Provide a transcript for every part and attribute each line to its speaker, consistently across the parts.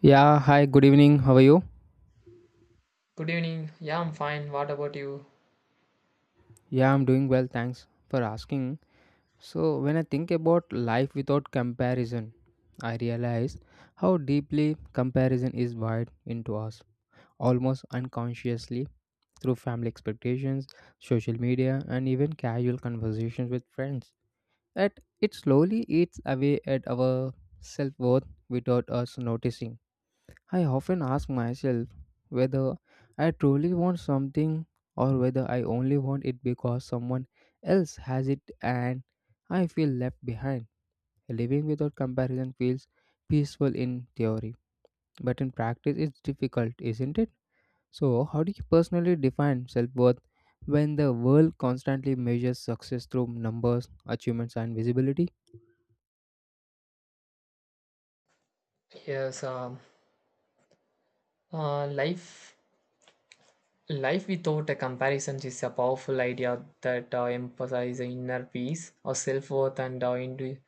Speaker 1: Yeah, hi, good evening. How are you?
Speaker 2: Good evening. Yeah, I'm fine. What about you?
Speaker 1: Yeah, I'm doing well. Thanks for asking. So, when I think about life without comparison, I realize how deeply comparison is wired into us, almost unconsciously through family expectations, social media, and even casual conversations with friends. That it slowly eats away at our self worth without us noticing. I often ask myself whether I truly want something or whether I only want it because someone else has it and I feel left behind. Living without comparison feels peaceful in theory, but in practice it's difficult, isn't it? So, how do you personally define self worth when the world constantly measures success through numbers, achievements, and visibility?
Speaker 2: Yes. Uh, life, life without a comparison is a powerful idea that emphasizes inner peace, or self-worth, and uh, indi-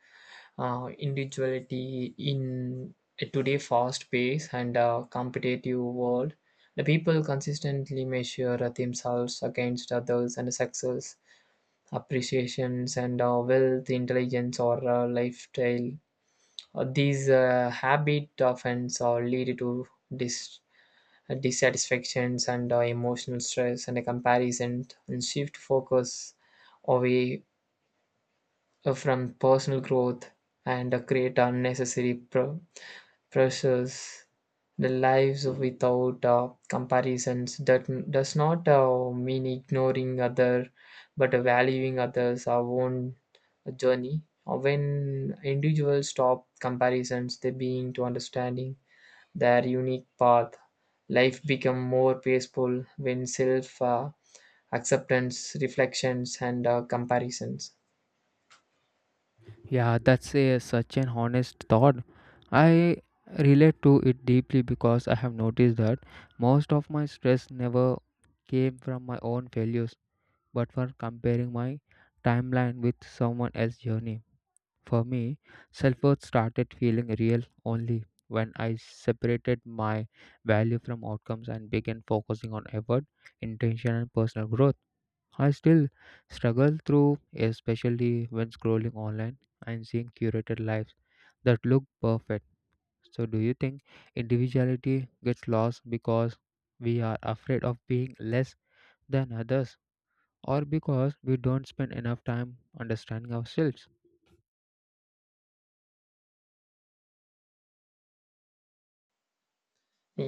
Speaker 2: uh, individuality in a today fast pace and competitive world. The people consistently measure themselves against others and success, appreciations, and wealth, intelligence, or lifestyle. These habit often lead to dis- dissatisfactions and emotional stress and a comparison and shift focus away from personal growth and create unnecessary pressures, the lives without comparisons that does not mean ignoring other but valuing others our own journey. When individuals stop comparisons they begin to understanding their unique path. Life become more peaceful when self acceptance reflections and comparisons.
Speaker 1: Yeah, that's such an honest thought. I relate to it deeply because I have noticed that most of my stress never came from my own failures, but from comparing my timeline with someone else's journey. For me, self worth started feeling real only when I separated my value from outcomes and began focusing on effort, intention, and personal growth. I still struggle through, especially when scrolling online and seeing curated lives that look perfect. So, do you think individuality gets lost because we are afraid of being less than others, or because we don't spend enough time understanding ourselves?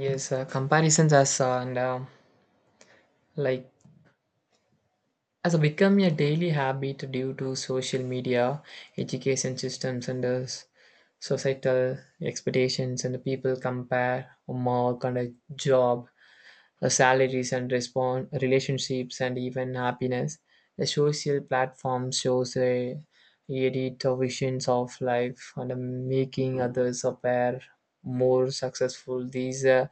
Speaker 2: Yes, comparisons as and like as a become a daily habit due to social media, education systems, and societal expectations. And the people compare a mark and a job, salaries and respond relationships, and even happiness. The social platform shows a edit of visions of life and making others appear more successful. These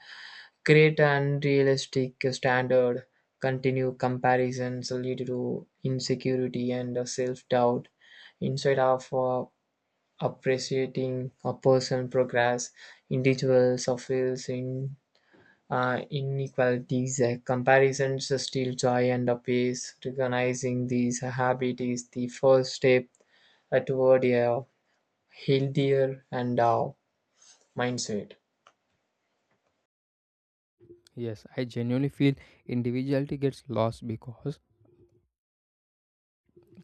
Speaker 2: create an unrealistic standard, continue comparisons lead to insecurity and self doubt. Instead of appreciating a person's progress, individuals feel in inequalities, comparisons steal joy and a peace. Recognizing these habits is the first step toward a healthier and mindset.
Speaker 1: Yes, I genuinely feel individuality gets lost because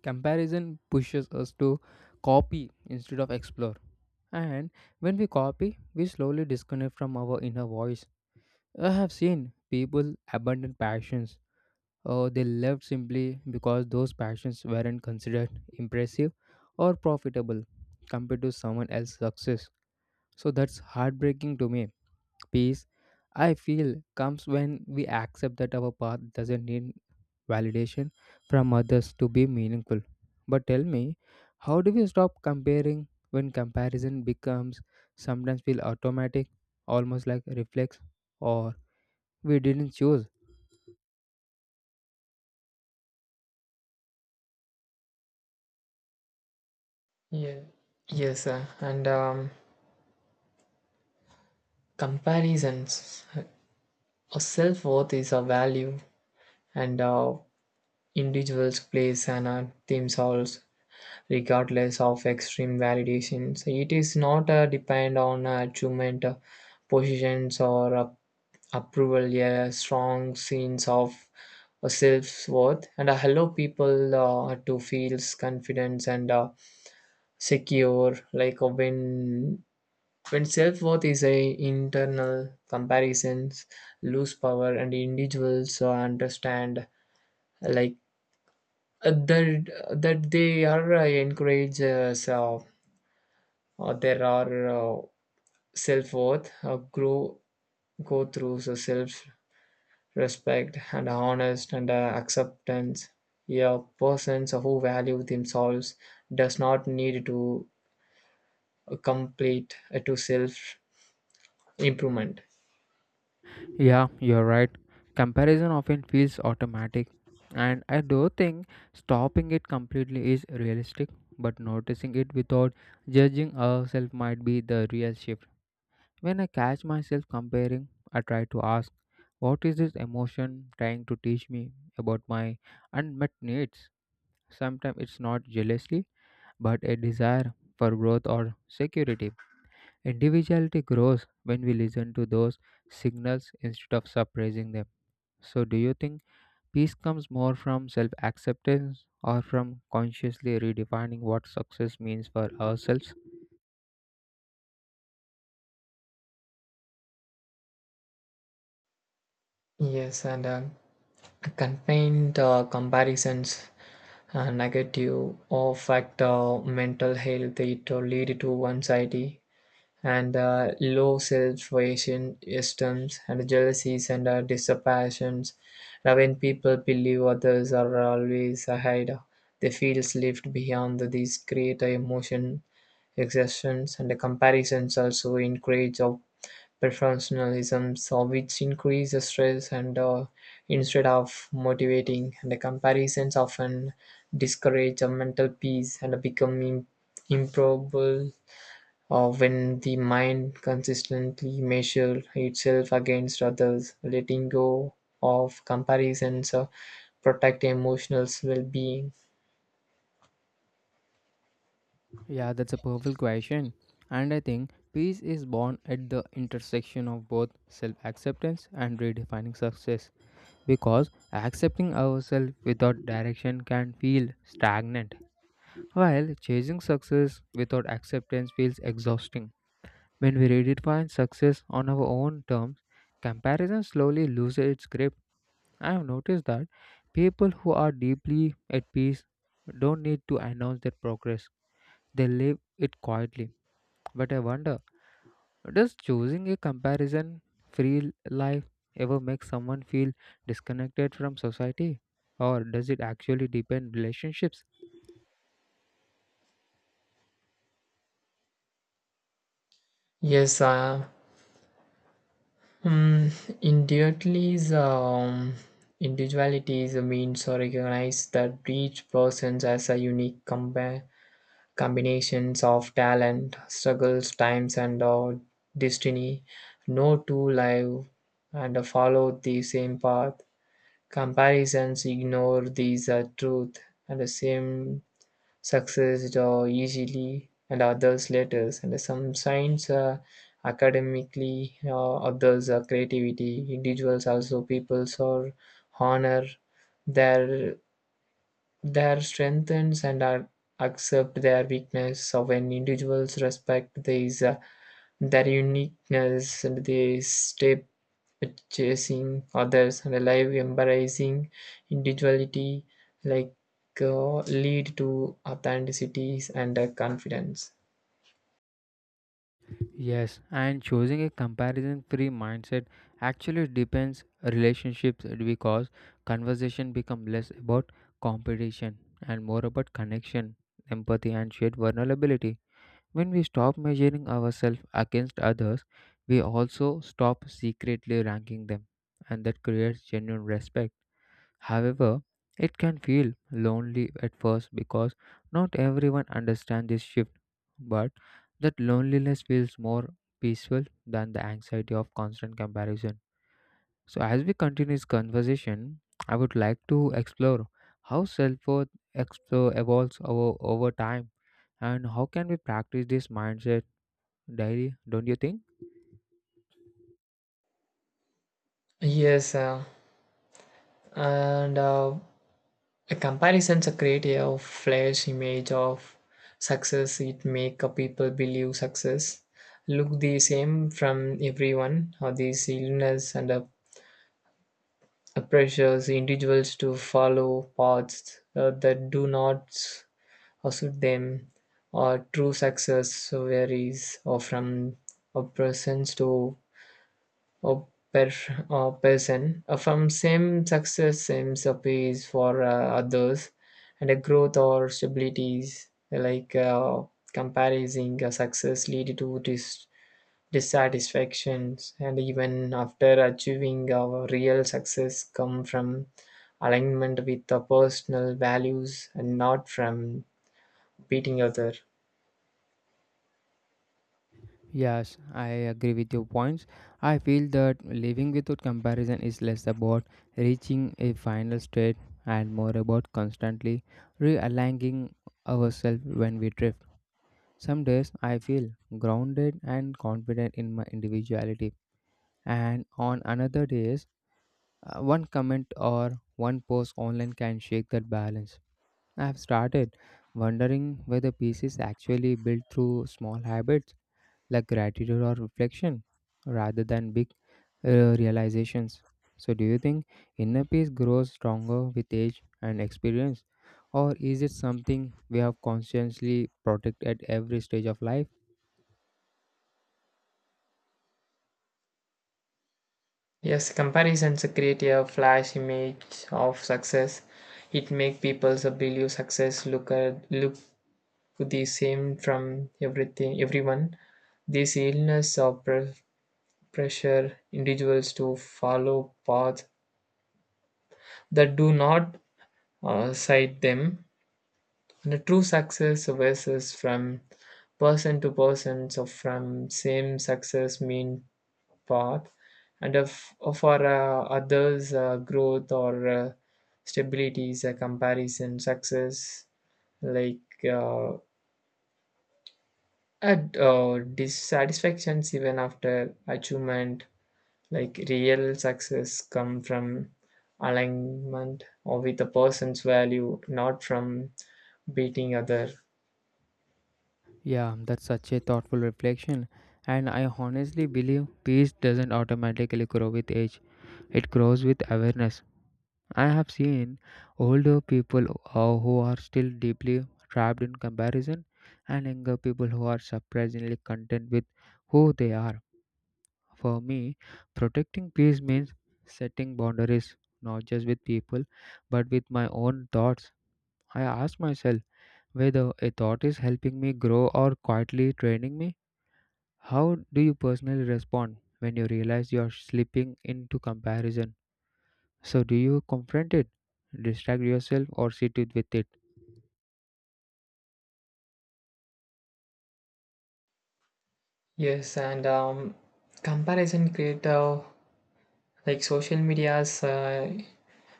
Speaker 1: comparison pushes us to copy instead of explore. And when we copy, we slowly disconnect from our inner voice. I have seen people abandon passions or they left simply because those passions weren't considered impressive or profitable compared to someone else's success. So that's heartbreaking to me. Peace, I feel, comes when we accept that our path doesn't need validation from others to be meaningful. But tell me, how do we stop comparing when comparison becomes sometimes feel automatic, almost like reflex, or we didn't choose?
Speaker 2: Yeah. Yes, sir. And Comparisons. Self worth is a value, and individuals place and themselves regardless of extreme validation. So it is not depend on achievement, positions, or approval. Yeah, strong sense of self worth and hello people to feel confidence and secure. Like when self worth is a internal comparisons lose power and individuals understand like uh, that that they are encouraged so there are self worth grow go through so self respect and honest and acceptance. A person so, who value themselves does not need to complete to self improvement.
Speaker 1: Yeah, you're right. Comparison often feels automatic, and I do think stopping it completely is realistic, but noticing it without judging ourselves might be the real shift. When I catch myself comparing, I try to ask, what is this emotion trying to teach me about my unmet needs? Sometimes it's not jealousy, but a desire for growth or security. Individuality grows when we listen to those signals instead of suppressing them. So, do you think peace comes more from self acceptance or from consciously redefining what success means for ourselves?
Speaker 2: Yes, and confined comparisons negative affect mental health, it will lead to anxiety and low self-esteem systems and jealousies and disapparitions. Now, when people believe others are always ahead they feel left beyond these create emotion exertions and the comparisons also encourage perfectionism so which increases stress and instead of motivating and the comparisons often discourage a mental peace and become improbable when the mind consistently measures itself against others letting go of comparisons protect emotional well-being.
Speaker 1: Yeah, that's a perfect question. And I think peace is born at the intersection of both self acceptance and redefining success. Because accepting ourselves without direction can feel stagnant, while chasing success without acceptance feels exhausting. When we redefine success on our own terms, comparison slowly loses its grip. I have noticed that people who are deeply at peace don't need to announce their progress. They live it quietly. But I wonder, does choosing a comparison free life ever make someone feel disconnected from society? Or does it actually deepen relationships?
Speaker 2: Yes uh, Um, individualities, um, individualities means or recognize that each person as a unique combinations of talent, struggles, times, and destiny. No two live and follow the same path. Comparisons ignore these truth and the same success or easily and others letters, and some signs academically others creativity individuals also peoples or honor their their strengths and are accept their weakness. So when individuals respect these their uniqueness and they step chasing others and alive embracing individuality like uh, lead to authenticity and confidence.
Speaker 1: Yes, and choosing a comparison free mindset actually depends relationships because conversation become less about competition and more about connection, empathy and shared vulnerability. When we stop measuring ourselves against others, we also stop secretly ranking them and that creates genuine respect. However, it can feel lonely at first because not everyone understands this shift, but that loneliness feels more peaceful than the anxiety of constant comparison. So, as we continue this conversation, I would like to explore how self worth evolves over time and how can we practice this mindset daily, don't you think?
Speaker 2: Yes uh, and uh, A comparisons a create a flash image of success. It make a people believe success look the same from everyone. Or these illness and pressures individuals to follow paths that do not suit them. Or true success varies or from a person to or per- a person from same success same a peace for others and a growth or stabilities comparing a success lead to dissatisfactions and even after achieving our real success come from alignment with the personal values and not from beating other.
Speaker 1: Yes, I agree with your points. I feel that living without comparison is less about reaching a final state and more about constantly realigning ourselves when we drift. Some days I feel grounded and confident in my individuality, and on another days, one comment or one post online can shake that balance. I have started wondering whether peace is actually built through small habits like gratitude or reflection rather than big realizations. So, do you think inner peace grows stronger with age and experience, or is it something we have consciously protect at every stage of life?
Speaker 2: Yes, comparisons create a flash image of success. It make people so believe success look the same from everything everyone. This illness of pressure individuals to follow paths that do not cite them. The true success versus from person to person. So from same success mean path and if for others growth or stability is a comparison success like at dissatisfactions even after achievement like real success come from alignment or with a person's value not from beating other.
Speaker 1: Yeah, that's such a thoughtful reflection. And I honestly believe peace doesn't automatically grow with age, it grows with awareness. I have seen older people who are still deeply trapped in comparison, and younger people who are surprisingly content with who they are. For me, protecting peace means setting boundaries, not just with people, but with my own thoughts. I ask myself whether a thought is helping me grow or quietly draining me. How do you personally respond when you realize you're slipping into comparison? So, do you confront it, distract yourself, or sit it with it?
Speaker 2: Yes and um, comparison create a like social media's,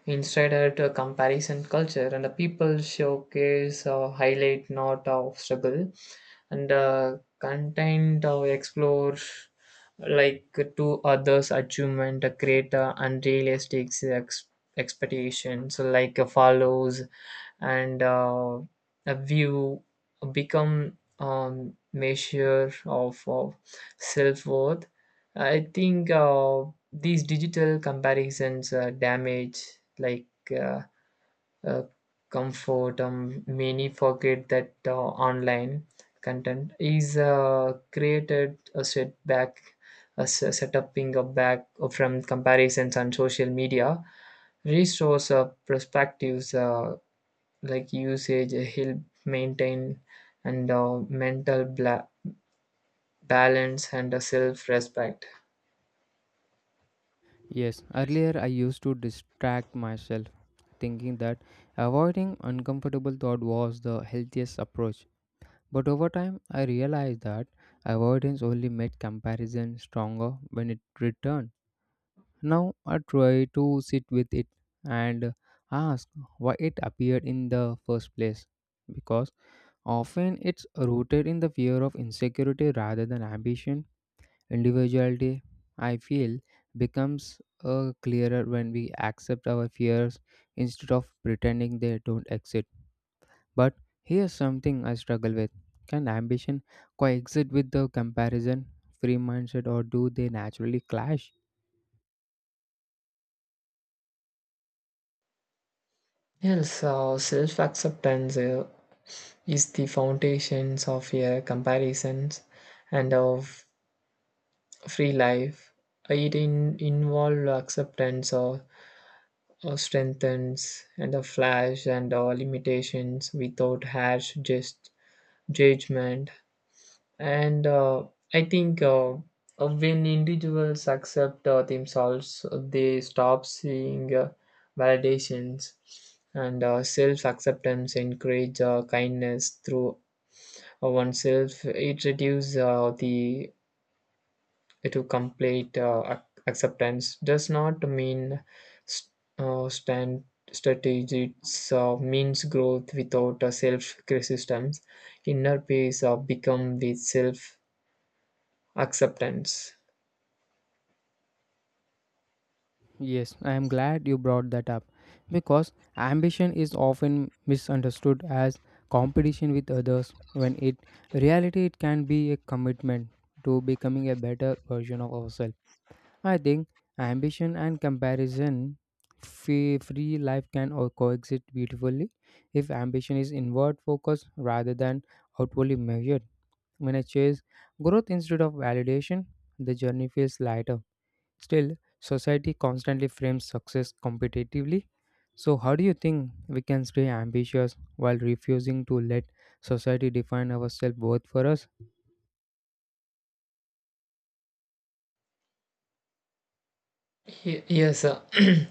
Speaker 2: instead a comparison culture, and the people showcase highlight not of struggle, and content explore like to others' achievement, create unrealistic expectations, follows and a view become measure of self-worth. I think these digital comparisons damage like uh, uh, comfort. Many forget that online content is created a setback, a setuping a back from comparisons on social media restores perspectives usage help maintain and mental balance and self-respect.
Speaker 1: Yes, earlier I used to distract myself, thinking that avoiding uncomfortable thought was the healthiest approach. But over time, I realized that avoidance only made comparison stronger when it returned. Now I try to sit with it and ask why it appeared in the first place. Because often it's rooted in the fear of insecurity rather than ambition. Individuality, I feel, becomes clearer when we accept our fears instead of pretending they don't exist. But here's something I struggle with: can ambition coexist with the comparison free mindset, or do they naturally clash?
Speaker 2: Yes, self-acceptance is the foundations of a comparisons and of free life. It involve acceptance or strengthens and a flash and limitations without harsh just judgment. And I think when individuals accept themselves, they stop seeing validations and self acceptance, encourage kindness through oneself. It reduces the to complete acceptance does not mean st- stand strategy. It means growth without self criticisms. Inner peace become the self acceptance.
Speaker 1: Yes, I am glad you brought that up because ambition is often misunderstood as competition with others when it reality it can be a commitment to becoming a better version of ourselves. I think ambition and comparison free life can coexist beautifully if ambition is inward focused rather than outwardly measured. When I chase growth instead of validation, the journey feels lighter. Still, society constantly frames success competitively. So, how do you think we can stay ambitious while refusing to let society define our self worth for us?
Speaker 2: Yes,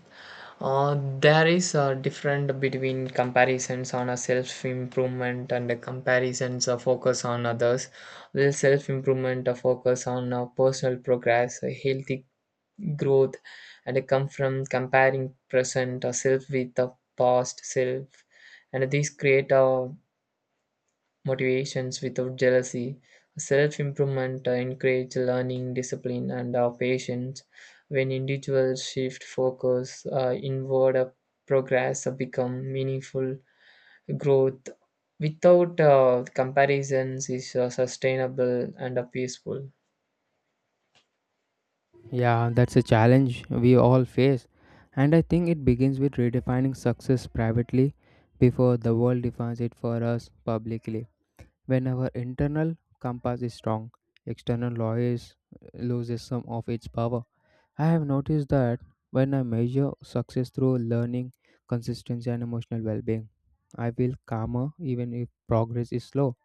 Speaker 2: there is a difference between comparisons on a self improvement and a comparisons a focus on others, the self improvement a focus on personal progress a healthy growth, and it come from comparing present self with the past self and these create a motivations without jealousy. Self improvement encourages learning, discipline, and patience. When individuals shift focus inward, progress become meaningful. Growth without comparisons is sustainable and peaceful.
Speaker 1: Yeah, that's a challenge we all face. And I think it begins with redefining success privately before the world defines it for us publicly. When our internal compass is strong, external noise loses some of its power. I have noticed that when I measure success through learning, consistency, and emotional well being, I feel calmer even if progress is slow.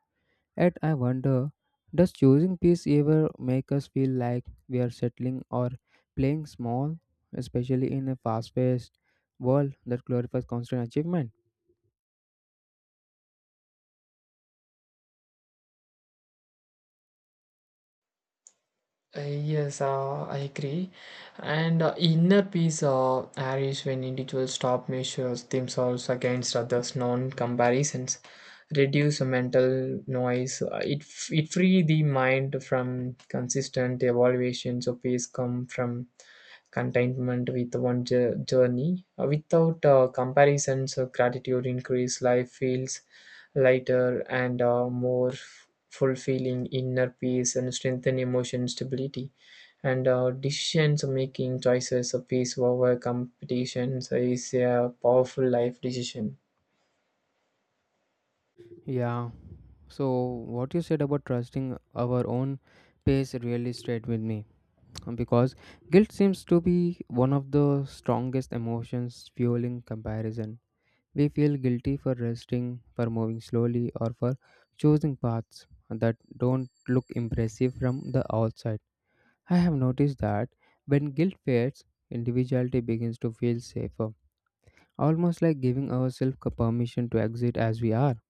Speaker 1: Yet I wonder, does choosing peace ever make us feel like we are settling or playing small, especially in a fast paced world that glorifies constant achievement?
Speaker 2: Yes, I agree. And inner peace arises when individuals stop measures themselves against others, non-comparisons, reduce the mental noise. It it free the mind from consistent evaluations. So peace come from contentment with one journey. Without comparisons, gratitude increase. Life feels lighter, and a more fulfilling inner peace and strengthen emotion stability. And decisions making choices of peace over competition is a powerful life decision.
Speaker 1: Yeah, so what you said about trusting our own pace really stayed with me. Because guilt seems to be one of the strongest emotions fueling comparison. We feel guilty for resting, for moving slowly, or for choosing paths that don't look impressive from the outside. I have noticed that when guilt fades, individuality begins to feel safer, almost like giving ourselves a permission to exist as we are.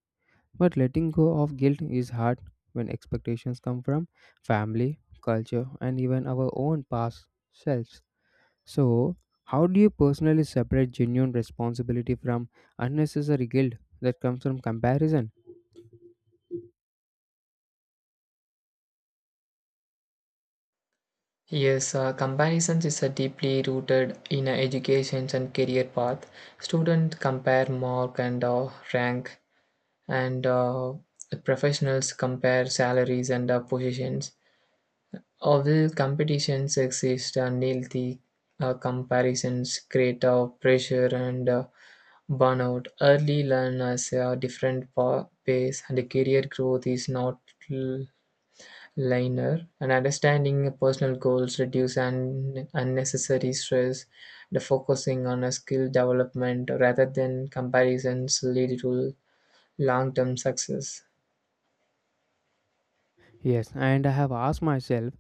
Speaker 1: But letting go of guilt is hard when expectations come from family, culture, and even our own past selves. So, how do you personally separate genuine responsibility from unnecessary guilt that comes from comparison?
Speaker 2: Yes, comparisons is a deeply rooted in education and career path. Students compare mark and rank, and professionals compare salaries and positions. Although competitions exist, unhealthy comparisons create pressure and burnout. Early learners are different pace, and career growth is not l- linear. And understanding personal goals reduce unnecessary stress. The focusing on a skill development rather than comparisons lead to long-term success.
Speaker 1: Yes, and I have asked myself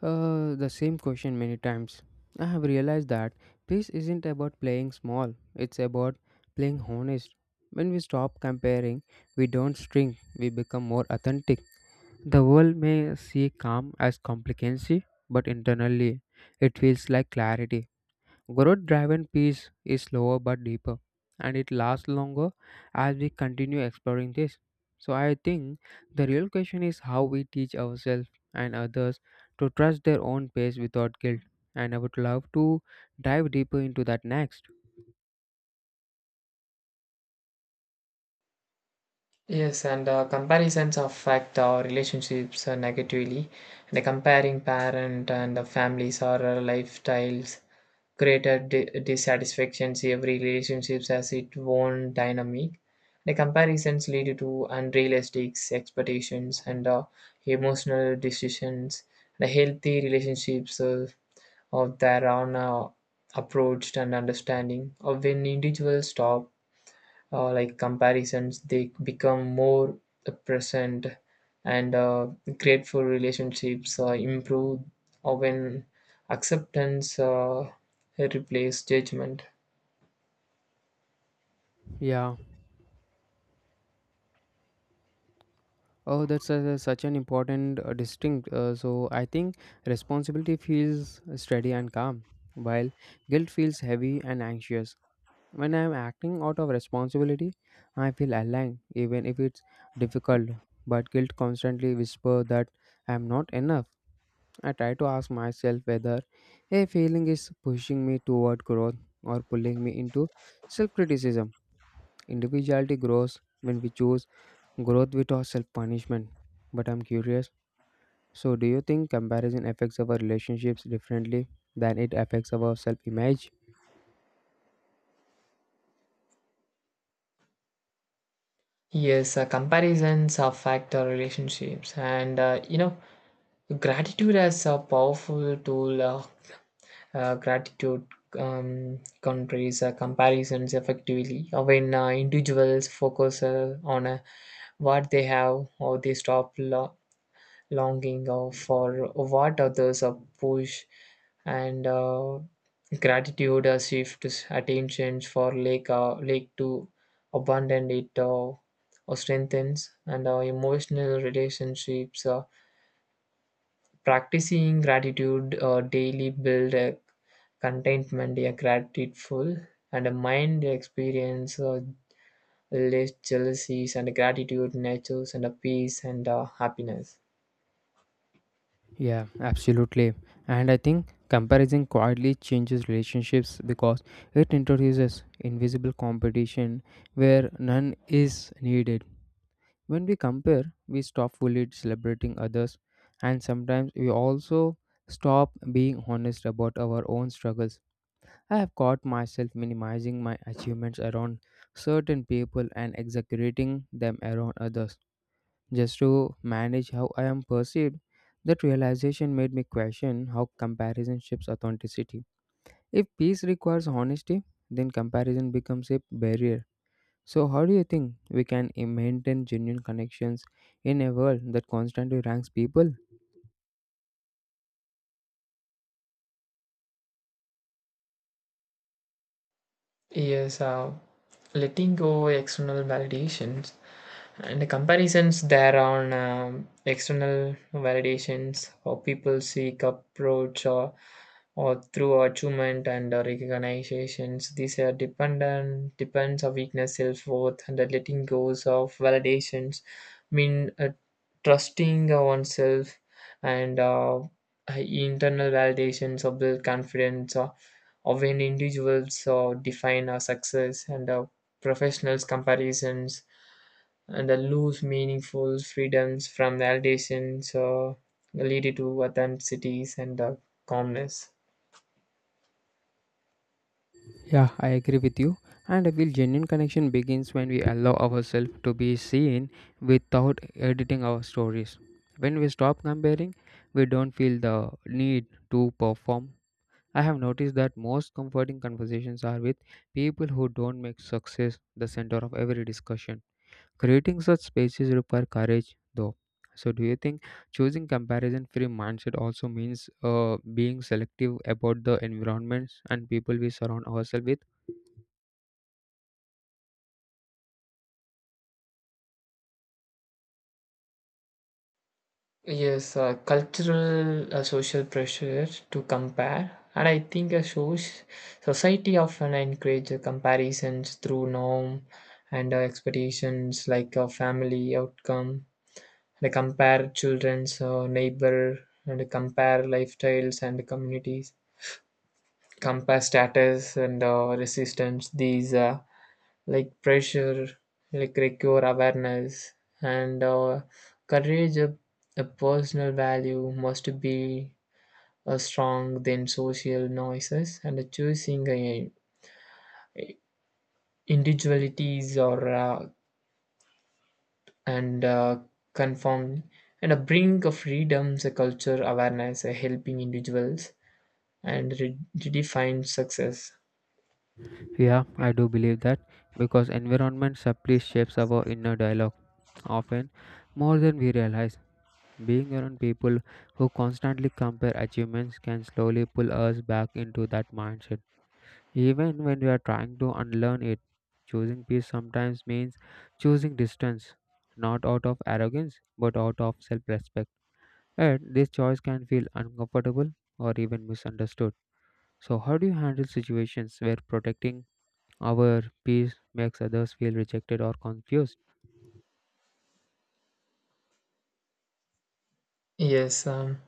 Speaker 1: The same question many times. I have realized that peace isn't about playing small, it's about playing honest. When we stop comparing, we don't shrink, we become more authentic. The world may see calm as complicacy, but internally it feels like clarity. Growth driven peace is slower but deeper, and it lasts longer as we continue exploring this. So, I think the real question is how we teach ourselves and others to trust their own pace without guilt. And I would love to dive deeper into that next.
Speaker 2: Yes, and comparisons affect our relationships negatively. The comparing parent and the families or lifestyles created dissatisfactions, every relationships has its own dynamic. The comparisons lead to unrealistic expectations and emotional decisions. The healthy relationships of their own approached and understanding of when individuals stop comparisons they become more present and grateful, relationships improve or when acceptance replace judgment.
Speaker 1: Yeah. Oh, that's such an important distinct. So, I think responsibility feels steady and calm, while guilt feels heavy and anxious. When I am acting out of responsibility, I feel aligned even if it's difficult. But guilt constantly whispers that I am not enough. I try to ask myself whether a feeling is pushing me toward growth or pulling me into self criticism. Individuality grows when we choose growth without self punishment. But I'm curious, so, do you think comparison affects our relationships differently than it affects our self image?
Speaker 2: Yes, comparisons affect our relationships and you know gratitude as a powerful tool gratitude countries comparisons effectively when individuals focus on what they have or they stop longing for what others are push, and gratitude shifts attention for to abandon it or strengthens and emotional relationships. Practicing gratitude daily build a contentment, a grateful and a mind experience less jealousies and gratitude nurtures and a peace and happiness.
Speaker 1: Yeah, absolutely. And I think comparison quietly changes relationships because it introduces invisible competition where none is needed. When we compare, we stop fully celebrating others, and sometimes we also stop being honest about our own struggles. I have caught myself minimizing my achievements around certain people and exaggerating them around others just to manage how I am perceived. That realization made me question how comparison shapes authenticity. If peace requires honesty, then comparison becomes a barrier. So, how do you think we can maintain genuine connections in a world that constantly ranks people?
Speaker 2: Yes, letting go external validations and the comparisons there on external validations, how people seek approach or through achievement and recognitions, these are dependent depends on weakness self-worth and the letting goes of validations mean trusting oneself and internal validations of the confidence of an individuals define our success and professionals comparisons and the lose meaningful freedoms from validation so lead to authenticities and the calmness.
Speaker 1: Yeah, I agree with you. And I feel genuine connection begins when we allow ourselves to be seen without editing our stories. When we stop comparing, we don't feel the need to perform. I have noticed that most comforting conversations are with people who don't make success the center of every discussion. Creating such spaces require courage, though. So, do you think choosing comparison free mindset also means being selective about the environments and people we surround ourselves with?
Speaker 2: Yes, cultural social pressure to compare, and I think a society often encourage comparisons through norm and expectations like a family outcome. They compare children's neighbor and compare lifestyles and communities, compare status and resistance. These pressure, like require awareness and courage, of a personal value must be a strong than social noises, and choosing individualities or and conform and a bring of freedoms, a culture awareness, a helping individuals and redefine success.
Speaker 1: Yeah, I do believe that because environment subtly shapes our inner dialogue often more than we realize. Being around people who constantly compare achievements can slowly pull us back into that mindset, even when we are trying to unlearn it. Choosing peace sometimes means choosing distance, not out of arrogance but out of self respect. And this choice can feel uncomfortable or even misunderstood. So, how do you handle situations where protecting our peace makes others feel rejected or confused?
Speaker 2: Yes,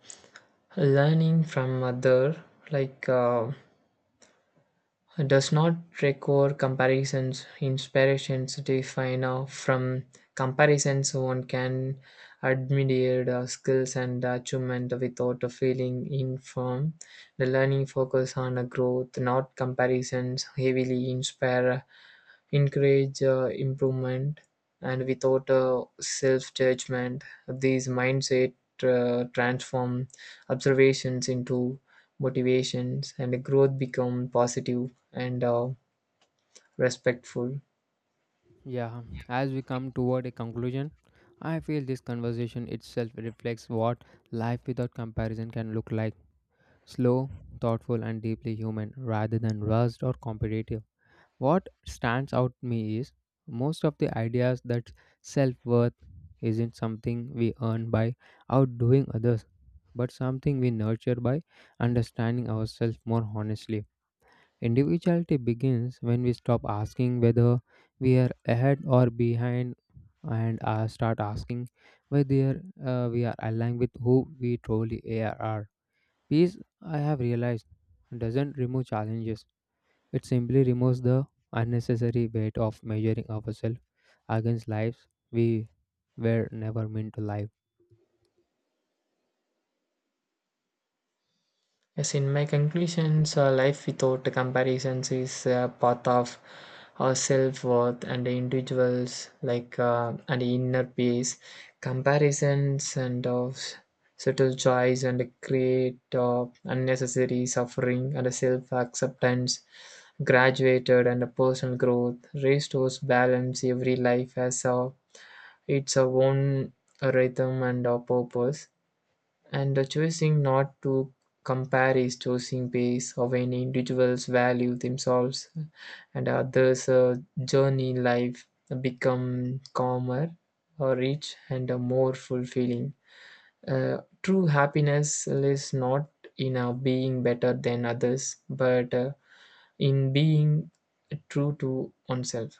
Speaker 2: learning from other like. Does not require comparisons. Inspirations define from comparisons one can admire skills and achievement without a feeling informed. The learning focus on a growth, not comparisons, heavily inspire, encourage improvement, and without self judgment, these mindset transform observations into motivations, and growth become positive and respectful.
Speaker 1: Yeah, as we come toward a conclusion, I feel this conversation itself reflects what life without comparison can look like: slow, thoughtful, and deeply human rather than rushed or competitive. What stands out to me is most of the ideas that self worth isn't something we earn by outdoing others, but something we nurture by understanding ourselves more honestly. Individuality begins when we stop asking whether we are ahead or behind and start asking whether we are aligned with who we truly are. Peace, I have realized, doesn't remove challenges, it simply removes the unnecessary weight of measuring ourselves against lives we were never meant to live.
Speaker 2: Yes, in my conclusions, life without comparisons is a path of our self worth and individuals, and inner peace. Comparisons and of subtle joys and create unnecessary suffering and self acceptance. Graduated and personal growth restores balance. Every life has its own rhythm and a purpose, and the choosing not to compare is choosing based how an individual's value themselves and others' journey in life become calmer, or rich, and more fulfilling. True happiness lies not in being better than others, but in being true to oneself.